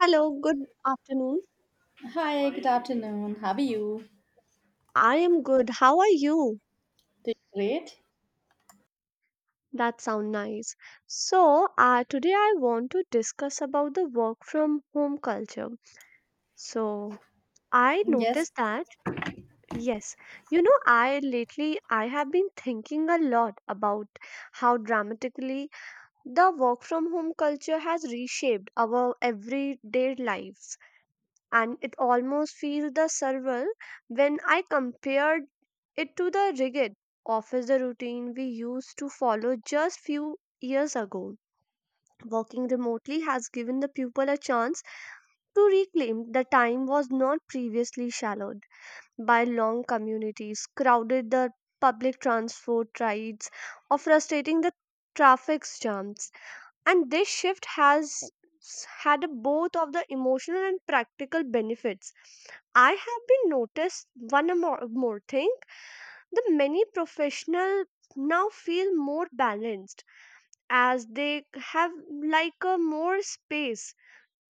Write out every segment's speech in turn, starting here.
Hello, good afternoon. Hi, good afternoon. How are you? I am good. How are you? Doing great? That sound nice. So, today I want to discuss about the work from home culture. So, I Yes, noticed that. Yes, you know, I lately I have been thinking a lot about how dramatically the work from home culture has reshaped our everyday life. And it almost feels the surreal when I compared it to the rigid office routine we used to follow just few years ago. Working remotely has given the pupil a chance to reclaim the time was not previously shallowed by long communities, crowded the public transport rides, or frustrating the traffic jams. And this shift has had a both of the emotional and practical benefits. I have been noticed one a more thing. The many professional now feel more balanced as they have like a more space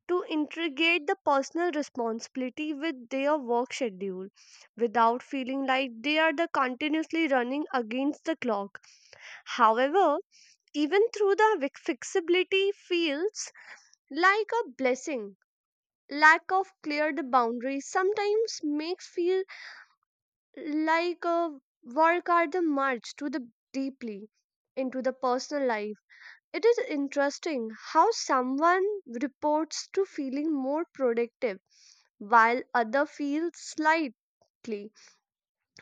to integrate the personal responsibility with their work schedule without feeling like they are the continuously running against the clock. However, even through the flexibility fields like a blessing. Lack of clear the boundaries sometimes makes feel like a work at the march to the deeply into the personal life. It is interesting how someone reports to feeling more productive while other feel slightly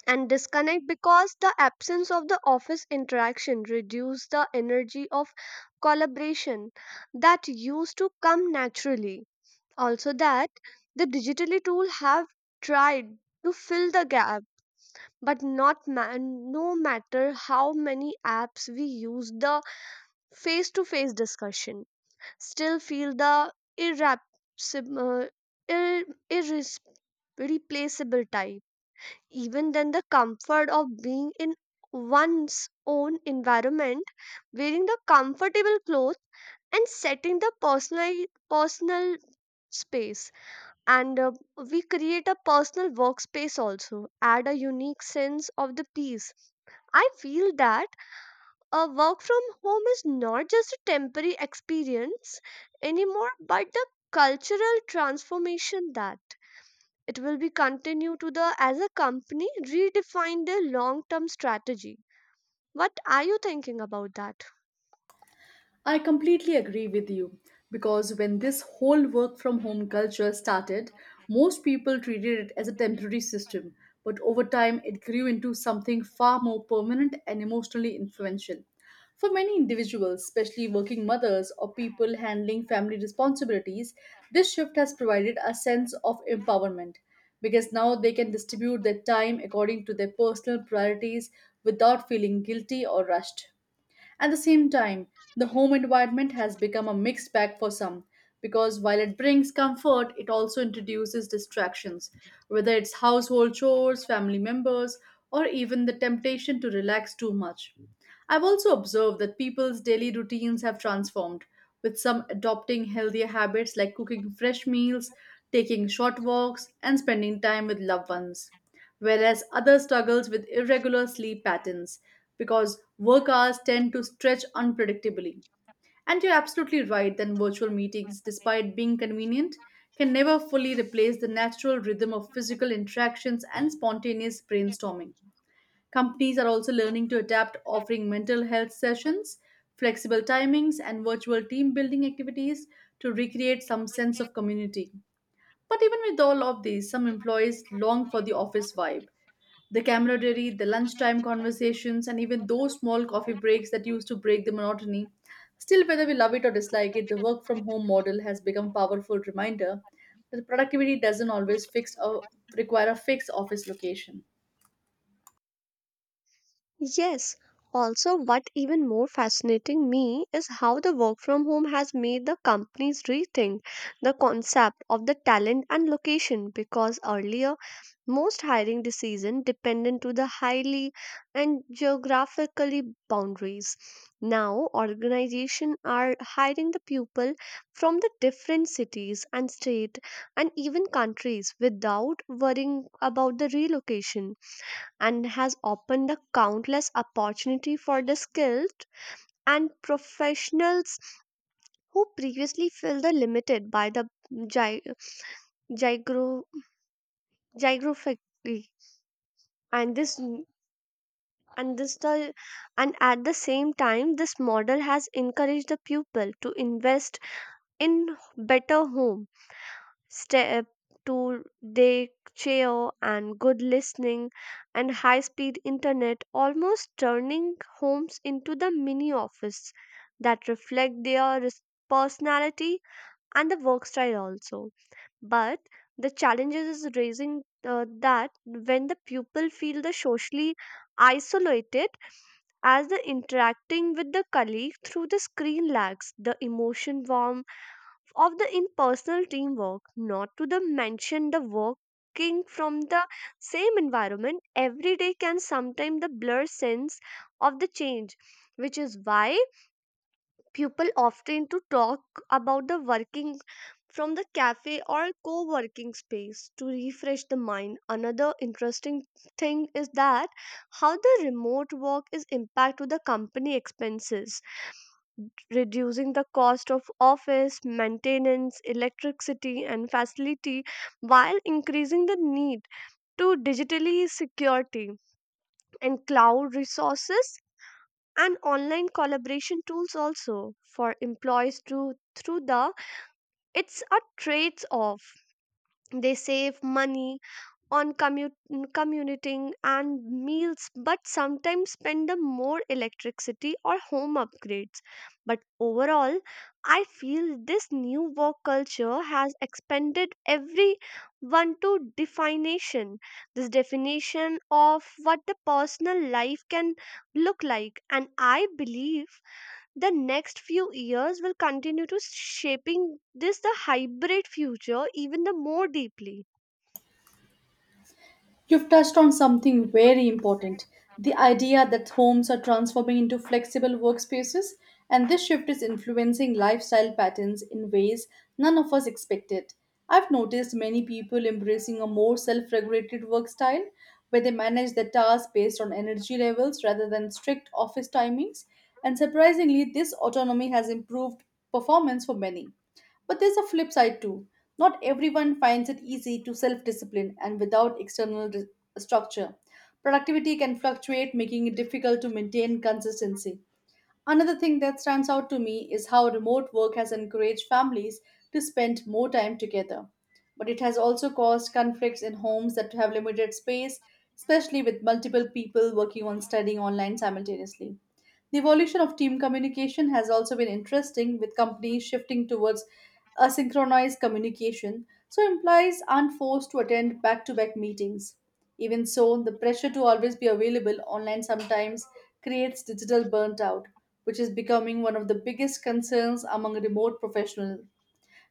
and disconnect because the absence of the office interaction reduce the energy of collaboration that used to come naturally. Also that the digitally tool have tried to fill the gap, but not ma- no matter how many apps we use the face to face discussion still feel the irrepsib- uh, ir- irres- replaceable type. Even then the comfort of being in one's own environment, wearing the comfortable clothes and setting the personal space, and we create a personal workspace also add a unique sense of the peace. I feel that a work from home is not just a temporary experience anymore, but the cultural transformation that it will be continue to the as a company redefine their long term strategy. What are you thinking about that? I completely agree with you because when this whole work from home culture started, most people treated it as a temporary system, but over time it grew into something far more permanent and emotionally influential. For many individuals, especially working mothers or people handling family responsibilities, this shift has provided a sense of empowerment because now they can distribute their time according to their personal priorities without feeling guilty or rushed. At the same time, the home environment has become a mixed bag for some because while it brings comfort, it also introduces distractions, whether it's household chores, family members, or even the temptation to relax too much. I've also observed that people's daily routines have transformed, with some adopting healthier habits like cooking fresh meals, taking short walks, and spending time with loved ones whereas others struggles with irregular sleep patterns because work hours tend to stretch unpredictably. And you're absolutely right that virtual meetings, despite being convenient, can never fully replace the natural rhythm of physical interactions and spontaneous brainstorming. Companies are also learning to adapt, offering mental health sessions, flexible timings, and virtual team building activities to recreate some sense of community. But even with all of these, some employees long for the office vibe the camaraderie, the lunchtime conversations, and even those small coffee breaks that used to break the monotony. Still, whether we love it or dislike it, the work from home model has become a powerful reminder that productivity doesn't always fix or require a fixed office location. Yes, also, what even more fascinating me is how the work from home has made the companies rethink the concept of the talent and location because earlier most hiring decision dependent to the highly and geographically boundaries. Now organization are hiring the people from the different cities and state and even countries without worrying about the relocation and has opened a countless opportunity for the skilled and professionals who previously felt the limited by the gy- gygro- gyrography. and this and this the and at the same time this model has encouraged the pupil to invest in better home step to day chair and good listening and high speed internet almost turning homes into the mini office that reflect their personality and the work style also. But the challenges is raising that when the pupil feel the socially isolated as the interacting with the colleague through the screen lags the emotion warmth of the impersonal teamwork, not to the mention the working from the same environment every day can sometimes the blur sense of the change, which is why people often to talk about the working from the cafe or co-working space to refresh the mind. Another interesting thing is that how the remote work is impact to the company expenses, reducing the cost of office maintenance, electricity, and facility while increasing the need to digitally security and cloud resources and online collaboration tools also for employees to through the it's a trades off. They save money on commuting and meals, but sometimes spend the more electricity or home upgrades. But overall, I feel this new work culture has expanded everyone to definition. This definition of what the personal life can look like, and I believe the next few years will continue to shaping this the hybrid future even the more deeply. You've touched on something very important the idea that homes are transforming into flexible workspaces, and this shift is influencing lifestyle patterns in ways none of us expected. I've noticed many people embracing a more self regulated work style where they manage their tasks based on energy levels rather than strict office timings, and surprisingly, this autonomy has improved performance for many. But there's a flip side too. Not everyone finds it easy to self discipline and without external structure. Productivity can fluctuate, making it difficult to maintain consistency. Another thing that stands out to me is how remote work has encouraged families to spend more time together. But it has also caused conflicts in homes that have limited space, especially with multiple people working on studying online simultaneously. The evolution of team communication has also been interesting, with companies shifting towards asynchronous communication, so employees aren't forced to attend back to back meetings. Even so, the pressure to always be available online sometimes creates digital burnt out which is becoming one of the biggest concerns among remote professionals.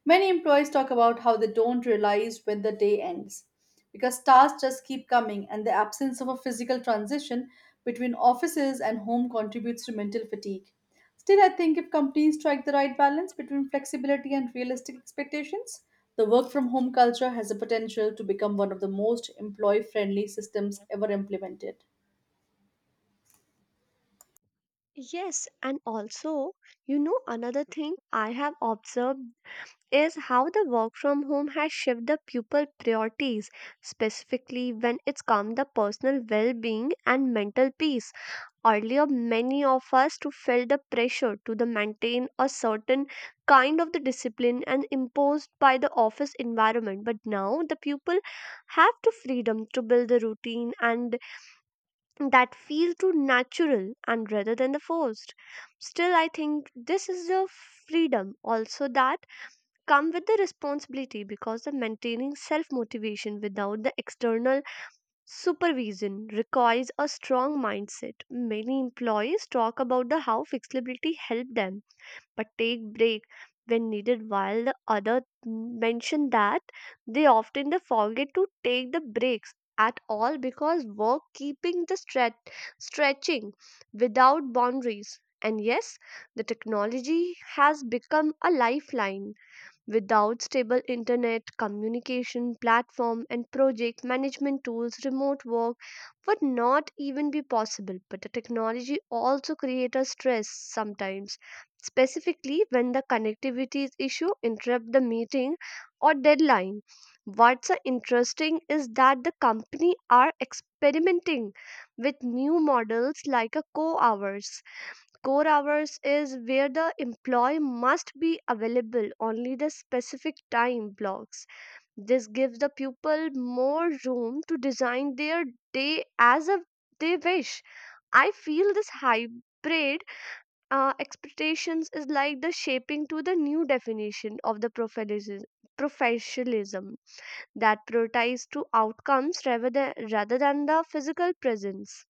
Many employees talk about how they don't realize when the day ends because tasks just keep coming, and the absence of a physical transition between offices and home contributes to mental fatigue. Still, I think if companies strike the right balance between flexibility and realistic expectations, the work from home culture has the potential to become one of the most employee friendly systems ever implemented. Yes, and also, you know, another thing I have observed is how the work from home has shifted the pupil priorities, specifically when it's come the personal well-being and mental peace. Earlier, many of us to felt the pressure to the maintain a certain kind of the discipline and imposed by the office environment. But now the pupil have to freedom to build the routine and that feel too natural and rather than the forced. Still, I think this is the freedom also that come with the responsibility because the maintaining self motivation without the external supervision requires a strong mindset. Many employees talk about the how flexibility help them but take break when needed, while the other mentioned that they often they forget to take the breaks at all because work keeping the stretching without boundaries. And yes, the technology has become a lifeline. Without stable internet, communication platform, and project management tools, remote work would not even be possible. But the technology also creates a stress sometimes, specifically when the connectivity issue interrupt the meeting or deadline. What's interesting is that the company are experimenting with new models like a co-hours. Core hours is where the employee must be available only the specific time blocks. This gives the pupil more room to design their day as a, they wish. I feel this hybrid expectations is like the shaping to the new definition of the professionalism professionalism that prioritizes to outcomes rather than the physical presence.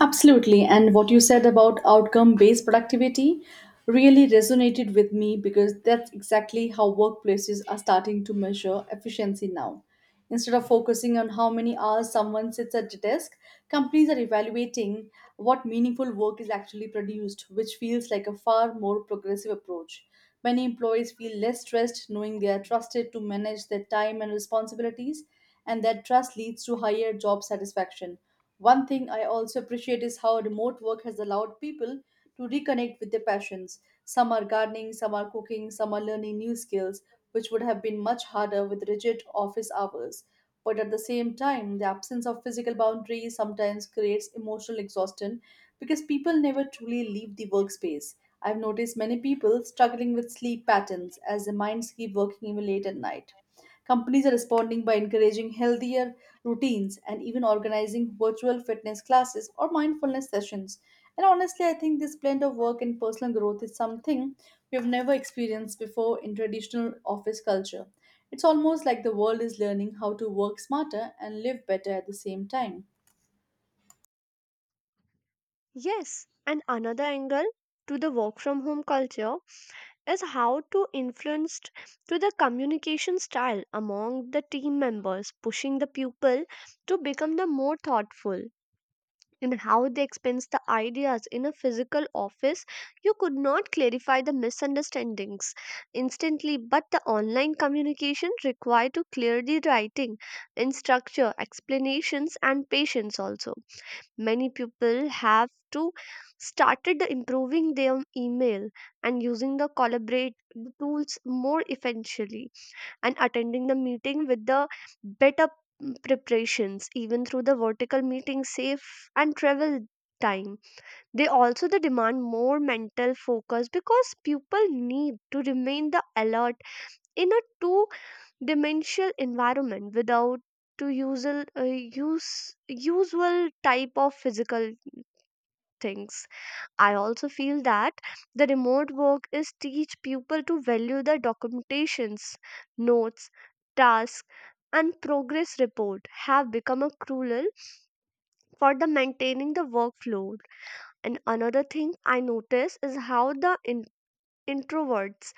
Absolutely. And what you said about outcome based productivity really resonated with me because that's exactly how workplaces are starting to measure efficiency now. Instead of focusing on how many hours someone sits at the desk, companies are evaluating what meaningful work is actually produced, which feels like a far more progressive approach. Many employees feel less stressed knowing they are trusted to manage their time and responsibilities, and that trust leads to higher job satisfaction. One thing I also appreciate is how remote work has allowed people to reconnect with their passions. Some are gardening, some are cooking, some are learning new skills, which would have been much harder with rigid office hours. But at the same time, the absence of physical boundaries sometimes creates emotional exhaustion because people never truly leave the workspace. I've noticed many people struggling with sleep patterns as their minds keep working even late at night. Companies are responding by encouraging healthier routines and even organizing virtual fitness classes or mindfulness sessions. And honestly, I think this blend of work and personal growth is something we've never experienced before in traditional office culture. It's almost like the world is learning how to work smarter and live better at the same time. Yes, and another angle to the work from home culture is how to influence to the communication style among the team members, pushing the pupil to become the more thoughtful in how they expense the ideas in a physical office. You could not clarify the misunderstandings instantly, but the online communication required to clearly writing in structure explanations and patience also. Many people have to started improving their email and using the collaborate tools more efficiently and attending the meeting with the better preparations even through the vertical meeting safe and travel time. They also the demand more mental focus because people need to remain the alert in a two dimensional environment without to usual use usual type of physical things. I also feel that the remote work is teach people to value the documentations, notes, tasks and progress report have become a cruel for the maintaining the workflow. And another thing I notice is how the introverts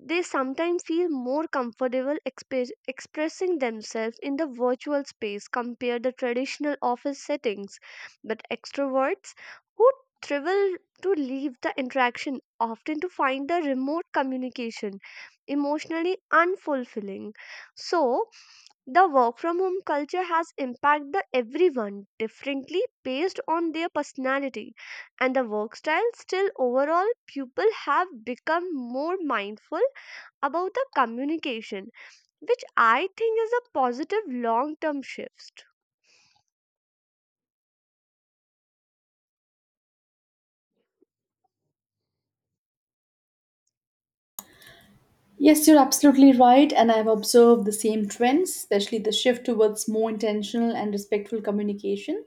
they sometimes feel more comfortable expressing themselves in the virtual space compared to traditional office settings. But extroverts who thrive to leave the interaction often to find the remote communication emotionally unfulfilling. So, the work from home culture has impacted the everyone differently based on their personality and the work style. Still, overall, people have become more mindful about the communication, which I think is a positive long term shift. Yes, you're absolutely right, and I've observed the same trends, especially the shift towards more intentional and respectful communication.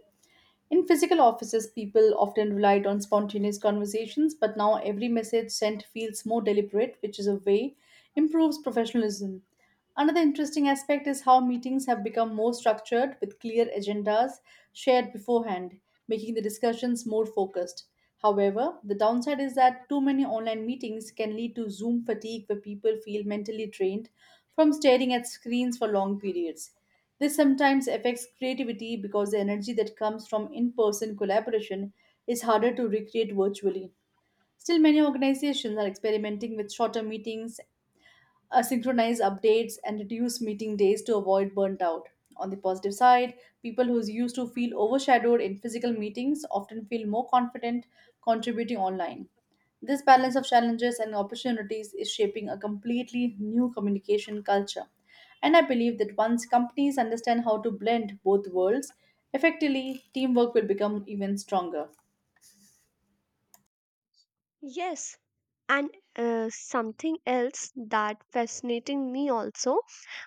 In physical offices, people often relied on spontaneous conversations, but now every message sent feels more deliberate, which is a way improves professionalism. Another interesting aspect is how meetings have become more structured with clear agendas shared beforehand, making the discussions more focused. However, the downside is that too many online meetings can lead to Zoom fatigue where people feel mentally drained from staring at screens for long periods. This sometimes affects creativity because the energy that comes from in person collaboration is harder to recreate virtually. Still, many organizations are experimenting with shorter meetings synchronize updates and reduce meeting days to avoid burnt out. On the positive side, people who used to feel overshadowed in physical meetings often feel more confident contributing online. This balance of challenges and opportunities is shaping a completely new communication culture. And I believe that once companies understand how to blend both worlds effectively, teamwork will become even stronger. Yes, and something else that fascinating me also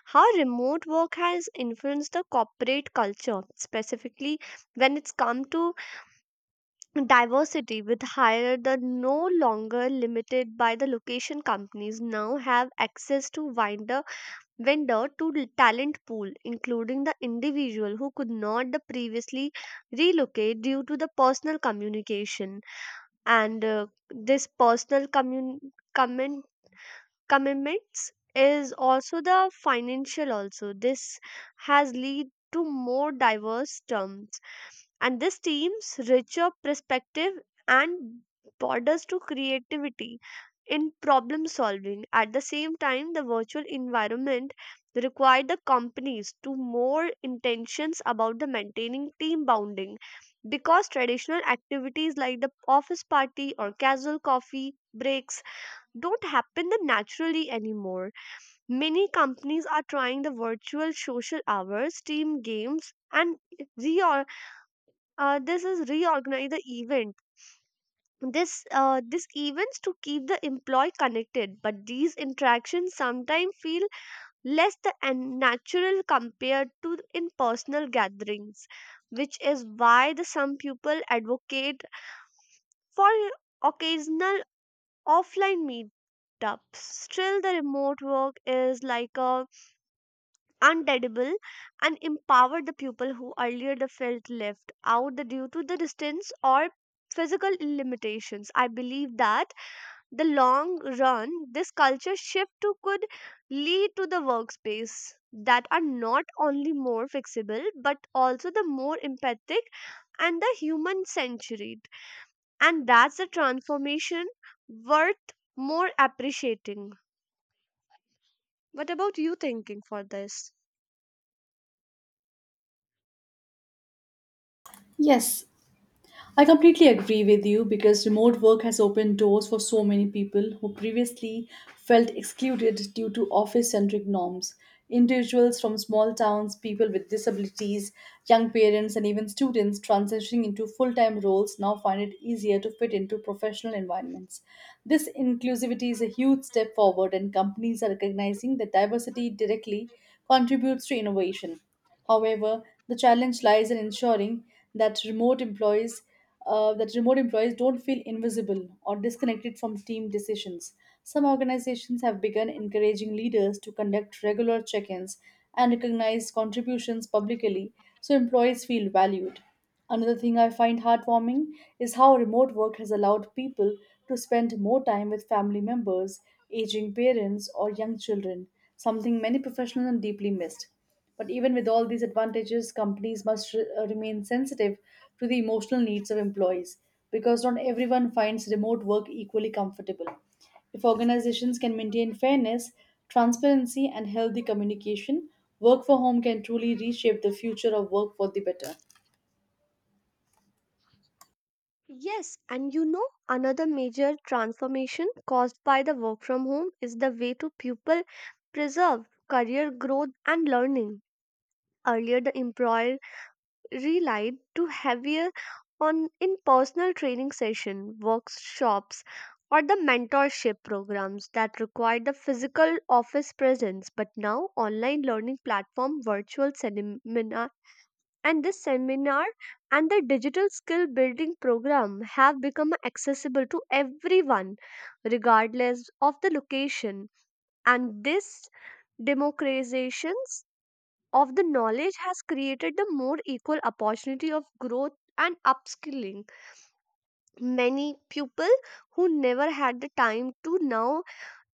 how remote work has influenced the corporate culture specifically when it's come to diversity with hire the no longer limited by the location companies now have access to wider vendor to the talent pool, including the individual who could not the previously relocate due to the personal communication. And this personal commun- comment commitments is also the financial also this has lead to more diverse terms and this team's richer perspective and borders to creativity in problem solving at the same time the virtual environment required the companies to more intentions about the maintaining team bounding because traditional activities like the office party or casual coffee breaks don't happen that naturally anymore. Many companies are trying the virtual social hours, team games, and reor- this is reorganize the event. This events to keep the employee connected, but these interactions sometimes feel less the unnatural compared to in personal gatherings, which is why the some people advocate for occasional offline meetups. Still, the remote work is like a undeadable and empower the people who earlier they felt left out due to the distance or physical limitations. I believe that the long run this culture shift to could lead to the workspace that are not only more flexible but also the more empathic and the human centered, and that's the transformation worth more appreciating. What about you thinking for this? Yes, I completely agree with you because remote work has opened doors for so many people who previously felt excluded due to office centric norms. Individuals from small towns, people with disabilities, young parents, and even students transitioning into full time roles now find it easier to fit into professional environments. This inclusivity is a huge step forward, and companies are recognizing that diversity directly contributes to innovation. However, the challenge lies in ensuring that remote employees don't feel invisible or disconnected from team decisions. Some organizations have begun encouraging leaders to conduct regular check ins and recognize contributions publicly so employees feel valued. Another thing I find heartwarming is how remote work has allowed people to spend more time with family members, aging parents, or young children, something many professionals deeply missed. But even with all these advantages, companies must remain sensitive to the emotional needs of employees because not everyone finds remote work equally comfortable. If organizations can maintain fairness, transparency, and healthy communication, work for home can truly reshape the future of work for the better. Yes, and you know, another major transformation caused by the work from home is the way to pupil preserve career growth and learning. Earlier, the employer relied to heavier on in personal training session, workshops, or the mentorship programs that required the physical office presence. But now, online learning platform, virtual seminar, and this seminar and the digital skill building program have become accessible to everyone regardless of the location, and this democratizations of the knowledge has created the more equal opportunity of growth and upskilling. Many people who never had the time to now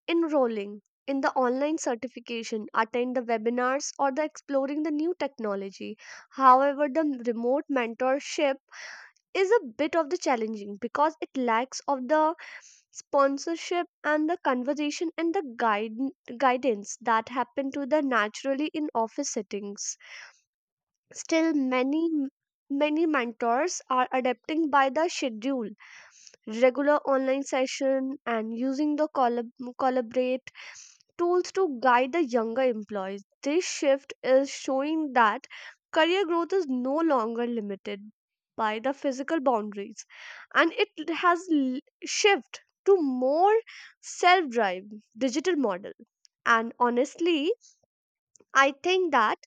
enrolling in the online certification attend the webinars or the exploring the new technology. However, the remote mentorship is a bit of the challenging because it lacks of the sponsorship and the conversation and guidance that happen to the naturally in office settings. Still, many mentors are adapting by the schedule regular online session and using the collaborate tools to guide the younger employees. This shift is showing that career growth is no longer limited by the physical boundaries and shift to more self-drive digital model. And honestly, I think that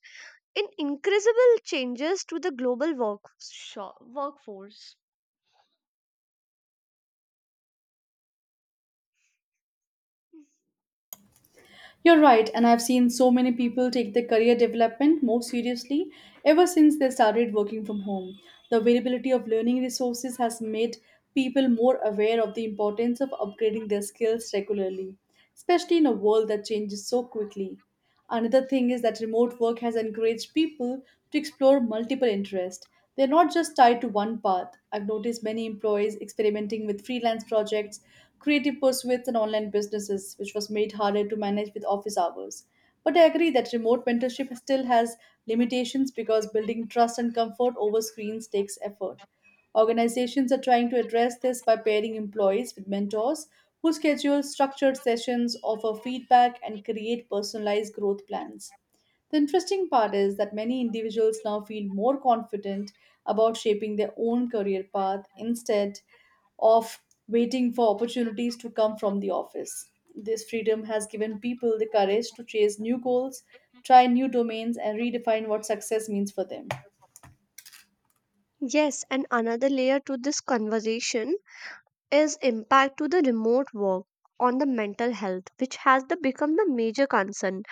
in incredible changes to the global workforce. You're right, and I've seen so many people take their career development more seriously ever since they started working from home. The availability of learning resources has made people more aware of the importance of upgrading their skills regularly, especially in a world that changes so quickly. Another thing is that remote work has encouraged people to explore multiple interests. They're not just tied to one path. I've noticed many employees experimenting with freelance projects, creative pursuits, and online businesses, which was made harder to manage with office hours. But I agree that remote mentorship still has limitations because building trust and comfort over screens takes effort. Organizations are trying to address this by pairing employees with mentors who schedule structured sessions, offer feedback, and create personalized growth plans. The interesting part is that many individuals now feel more confident about shaping their own career path instead of waiting for opportunities to come from the office. This freedom has given people the courage to chase new goals, try new domains, and redefine what success means for them. Yes, and another layer to this conversation is impact to the remote work on the mental health, which has the become the major concern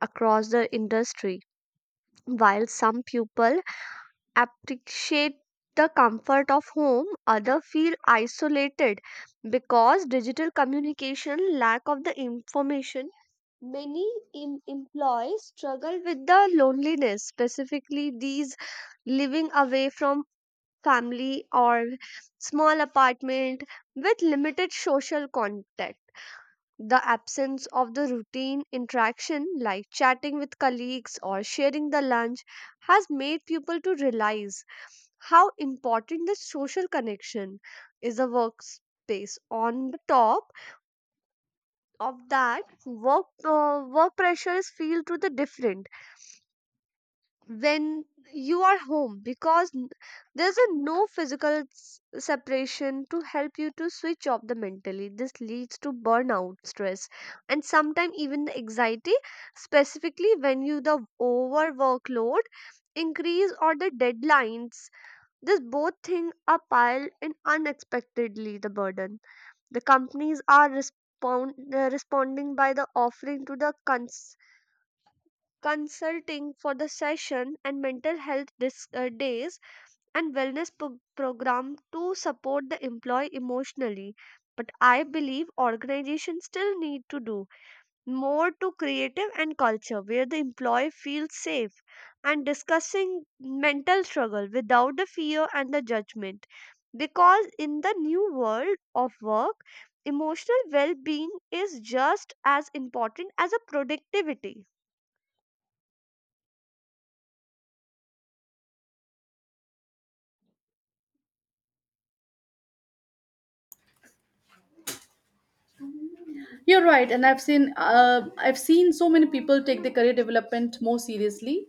across the industry. While some people appreciate the comfort of home, other feel isolated because digital communication lack of the information. Many employees struggle with the loneliness, specifically these living away from family or small apartment with limited social contact. The absence of the routine interaction like chatting with colleagues or sharing the lunch has made people to realize how important the social connection is a workspace. On the top of that, work pressures feel to the different when you are home because there's a no physical separation to help you to switch off the mentally. This leads to burnout stress and sometimes even the anxiety, specifically when you the over workload increase or the deadlines. This both thing are piled and unexpectedly the burden. The companies are responding by the offering to the consulting for the session and mental health days and wellness program to support the employee emotionally. But I believe organizations still need to do more to creative and culture where the employee feels safe and discussing mental struggle without the fear and the judgment, because in the new world of work, emotional well-being is just as important as a productivity. You're right, and I've seen so many people take their career development more seriously,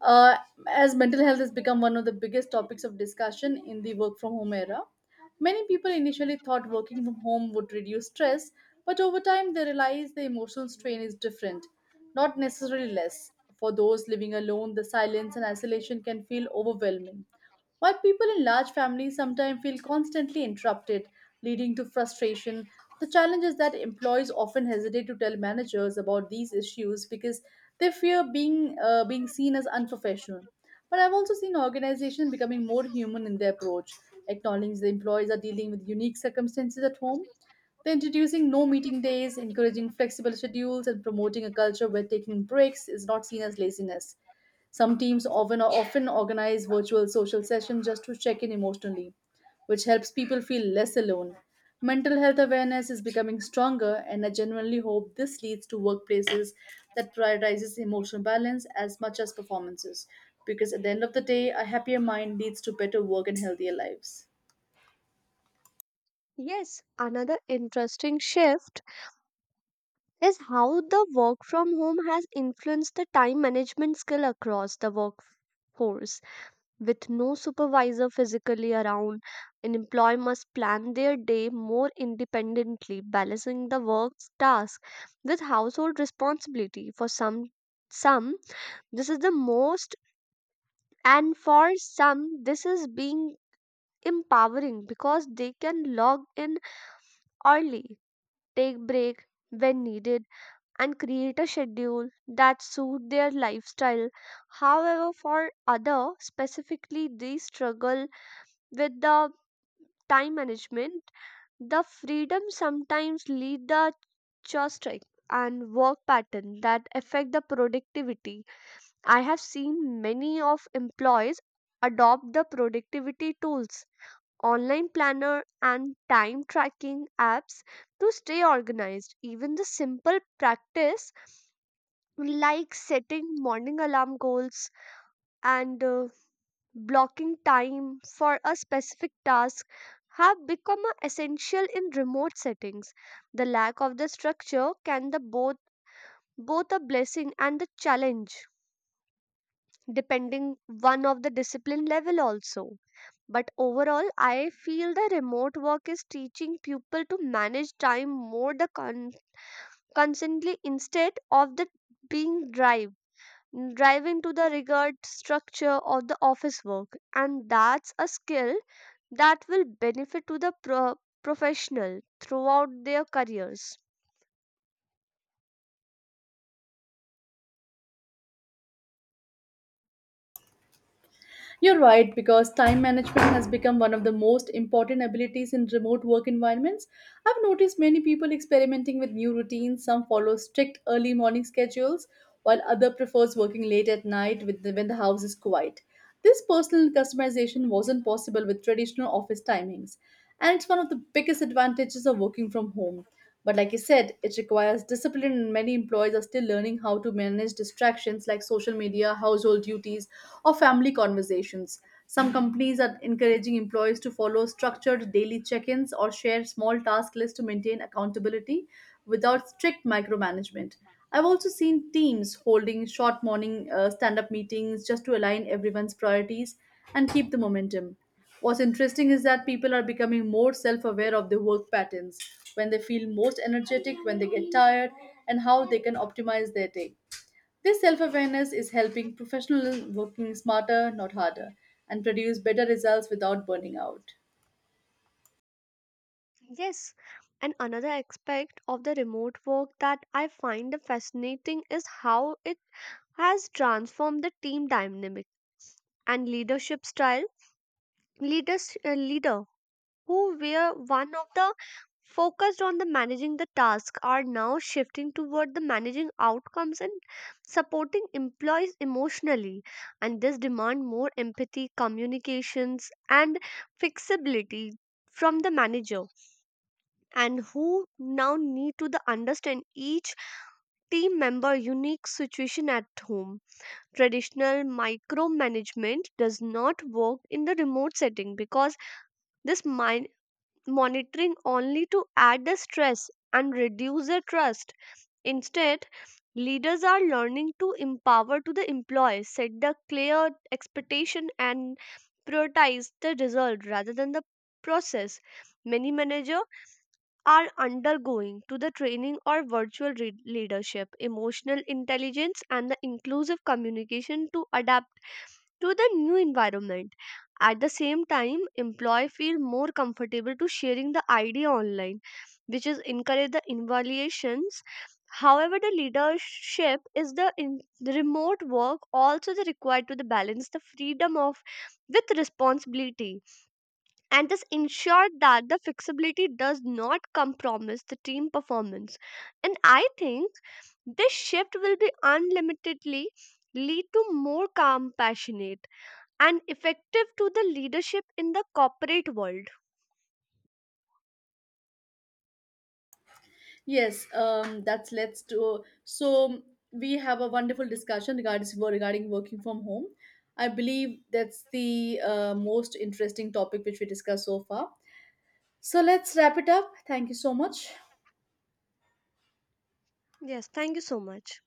uh, as mental health has become one of the biggest topics of discussion in the work from home era. Many people initially thought working from home would reduce stress, but over time they realized the emotional strain is different, not necessarily less. For those living alone, the silence and isolation can feel overwhelming. While people in large families sometimes feel constantly interrupted, leading to frustration, the challenge is that employees often hesitate to tell managers about these issues because they fear being seen as unprofessional. But I've also seen organizations becoming more human in their approach, acknowledging the employees are dealing with unique circumstances at home. They're introducing no meeting days, encouraging flexible schedules, and promoting a culture where taking breaks is not seen as laziness. Some teams often organize virtual social sessions just to check in emotionally, which helps people feel less alone. Mental health awareness is becoming stronger, and I genuinely hope this leads to workplaces that prioritizes emotional balance as much as performances. Because at the end of the day, a happier mind leads to better work and healthier lives. Yes, another interesting shift is how the work from home has influenced the time management skill across the workforce. With no supervisor physically around, an employee must plan their day more independently, balancing the work task with household responsibility. For some this is the most, and for some, this is being empowering because they can log in early, take break when needed and create a schedule that suit their lifestyle. However, for other specifically they struggle with the time management. The freedom sometimes lead the choice strike and work pattern that affect the productivity. I have seen many of employees adopt the productivity tools, online planner and time tracking apps to stay organized. Even the simple practice like setting morning alarm goals and blocking time for a specific task have become a essential in remote settings. The lack of the structure can the both a blessing and the challenge, depending one of the discipline level also. But overall, I feel the remote work is teaching people to manage time more constantly instead of the being drive driving to the regard structure of the office work, and that's a skill that will benefit to the professional throughout their careers. You're right, because time management has become one of the most important abilities in remote work environments. I've noticed many people experimenting with new routines. Some follow strict early morning schedules, while other prefers working late at night when the house is quiet. This personal customization wasn't possible with traditional office timings, and it's one of the biggest advantages of working from home. But like you said, it requires discipline, and many employees are still learning how to manage distractions like social media, household duties, or family conversations. Some companies are encouraging employees to follow structured daily check ins or share small task lists to maintain accountability without strict micromanagement. I've also seen teams holding short morning stand up meetings just to align everyone's priorities and keep the momentum. What's interesting is that people are becoming more self aware of their work patterns, when they feel most energetic, when they get tired, and how they can optimize their day. This self awareness is helping professionals working smarter, not harder, and produce better results without burning out. Yes, and another aspect of the remote work that I find fascinating is how it has transformed the team dynamic and leadership style. Leader who were one of the focused on the managing the task are now shifting toward the managing outcomes and supporting employees emotionally, and this demand more empathy communications and flexibility from the manager, and who now need to the understand each team member unique situation at home. Traditional micromanagement does not work in the remote setting because this mi- monitoring only to add the stress and reduce the trust. Instead, leaders are learning to empower to the employees, set the clear expectation and prioritize the result rather than the process. Many managers are undergoing to the training or leadership, emotional intelligence and the inclusive communication to adapt to the new environment. At the same time, employee feel more comfortable to sharing the idea online, which is encourage the evaluations. However, the leadership is the in the remote work also the required to the balance the freedom of with responsibility, and this ensure that the flexibility does not compromise the team performance. And I think this shift will be unlimitedly lead to more compassionate and effective to the leadership in the corporate world. Yes, that's let's do. So we have a wonderful discussion regarding working from home. I believe that's the most interesting topic which we discussed so far. So let's wrap it up. Thank you so much. Yes, thank you so much.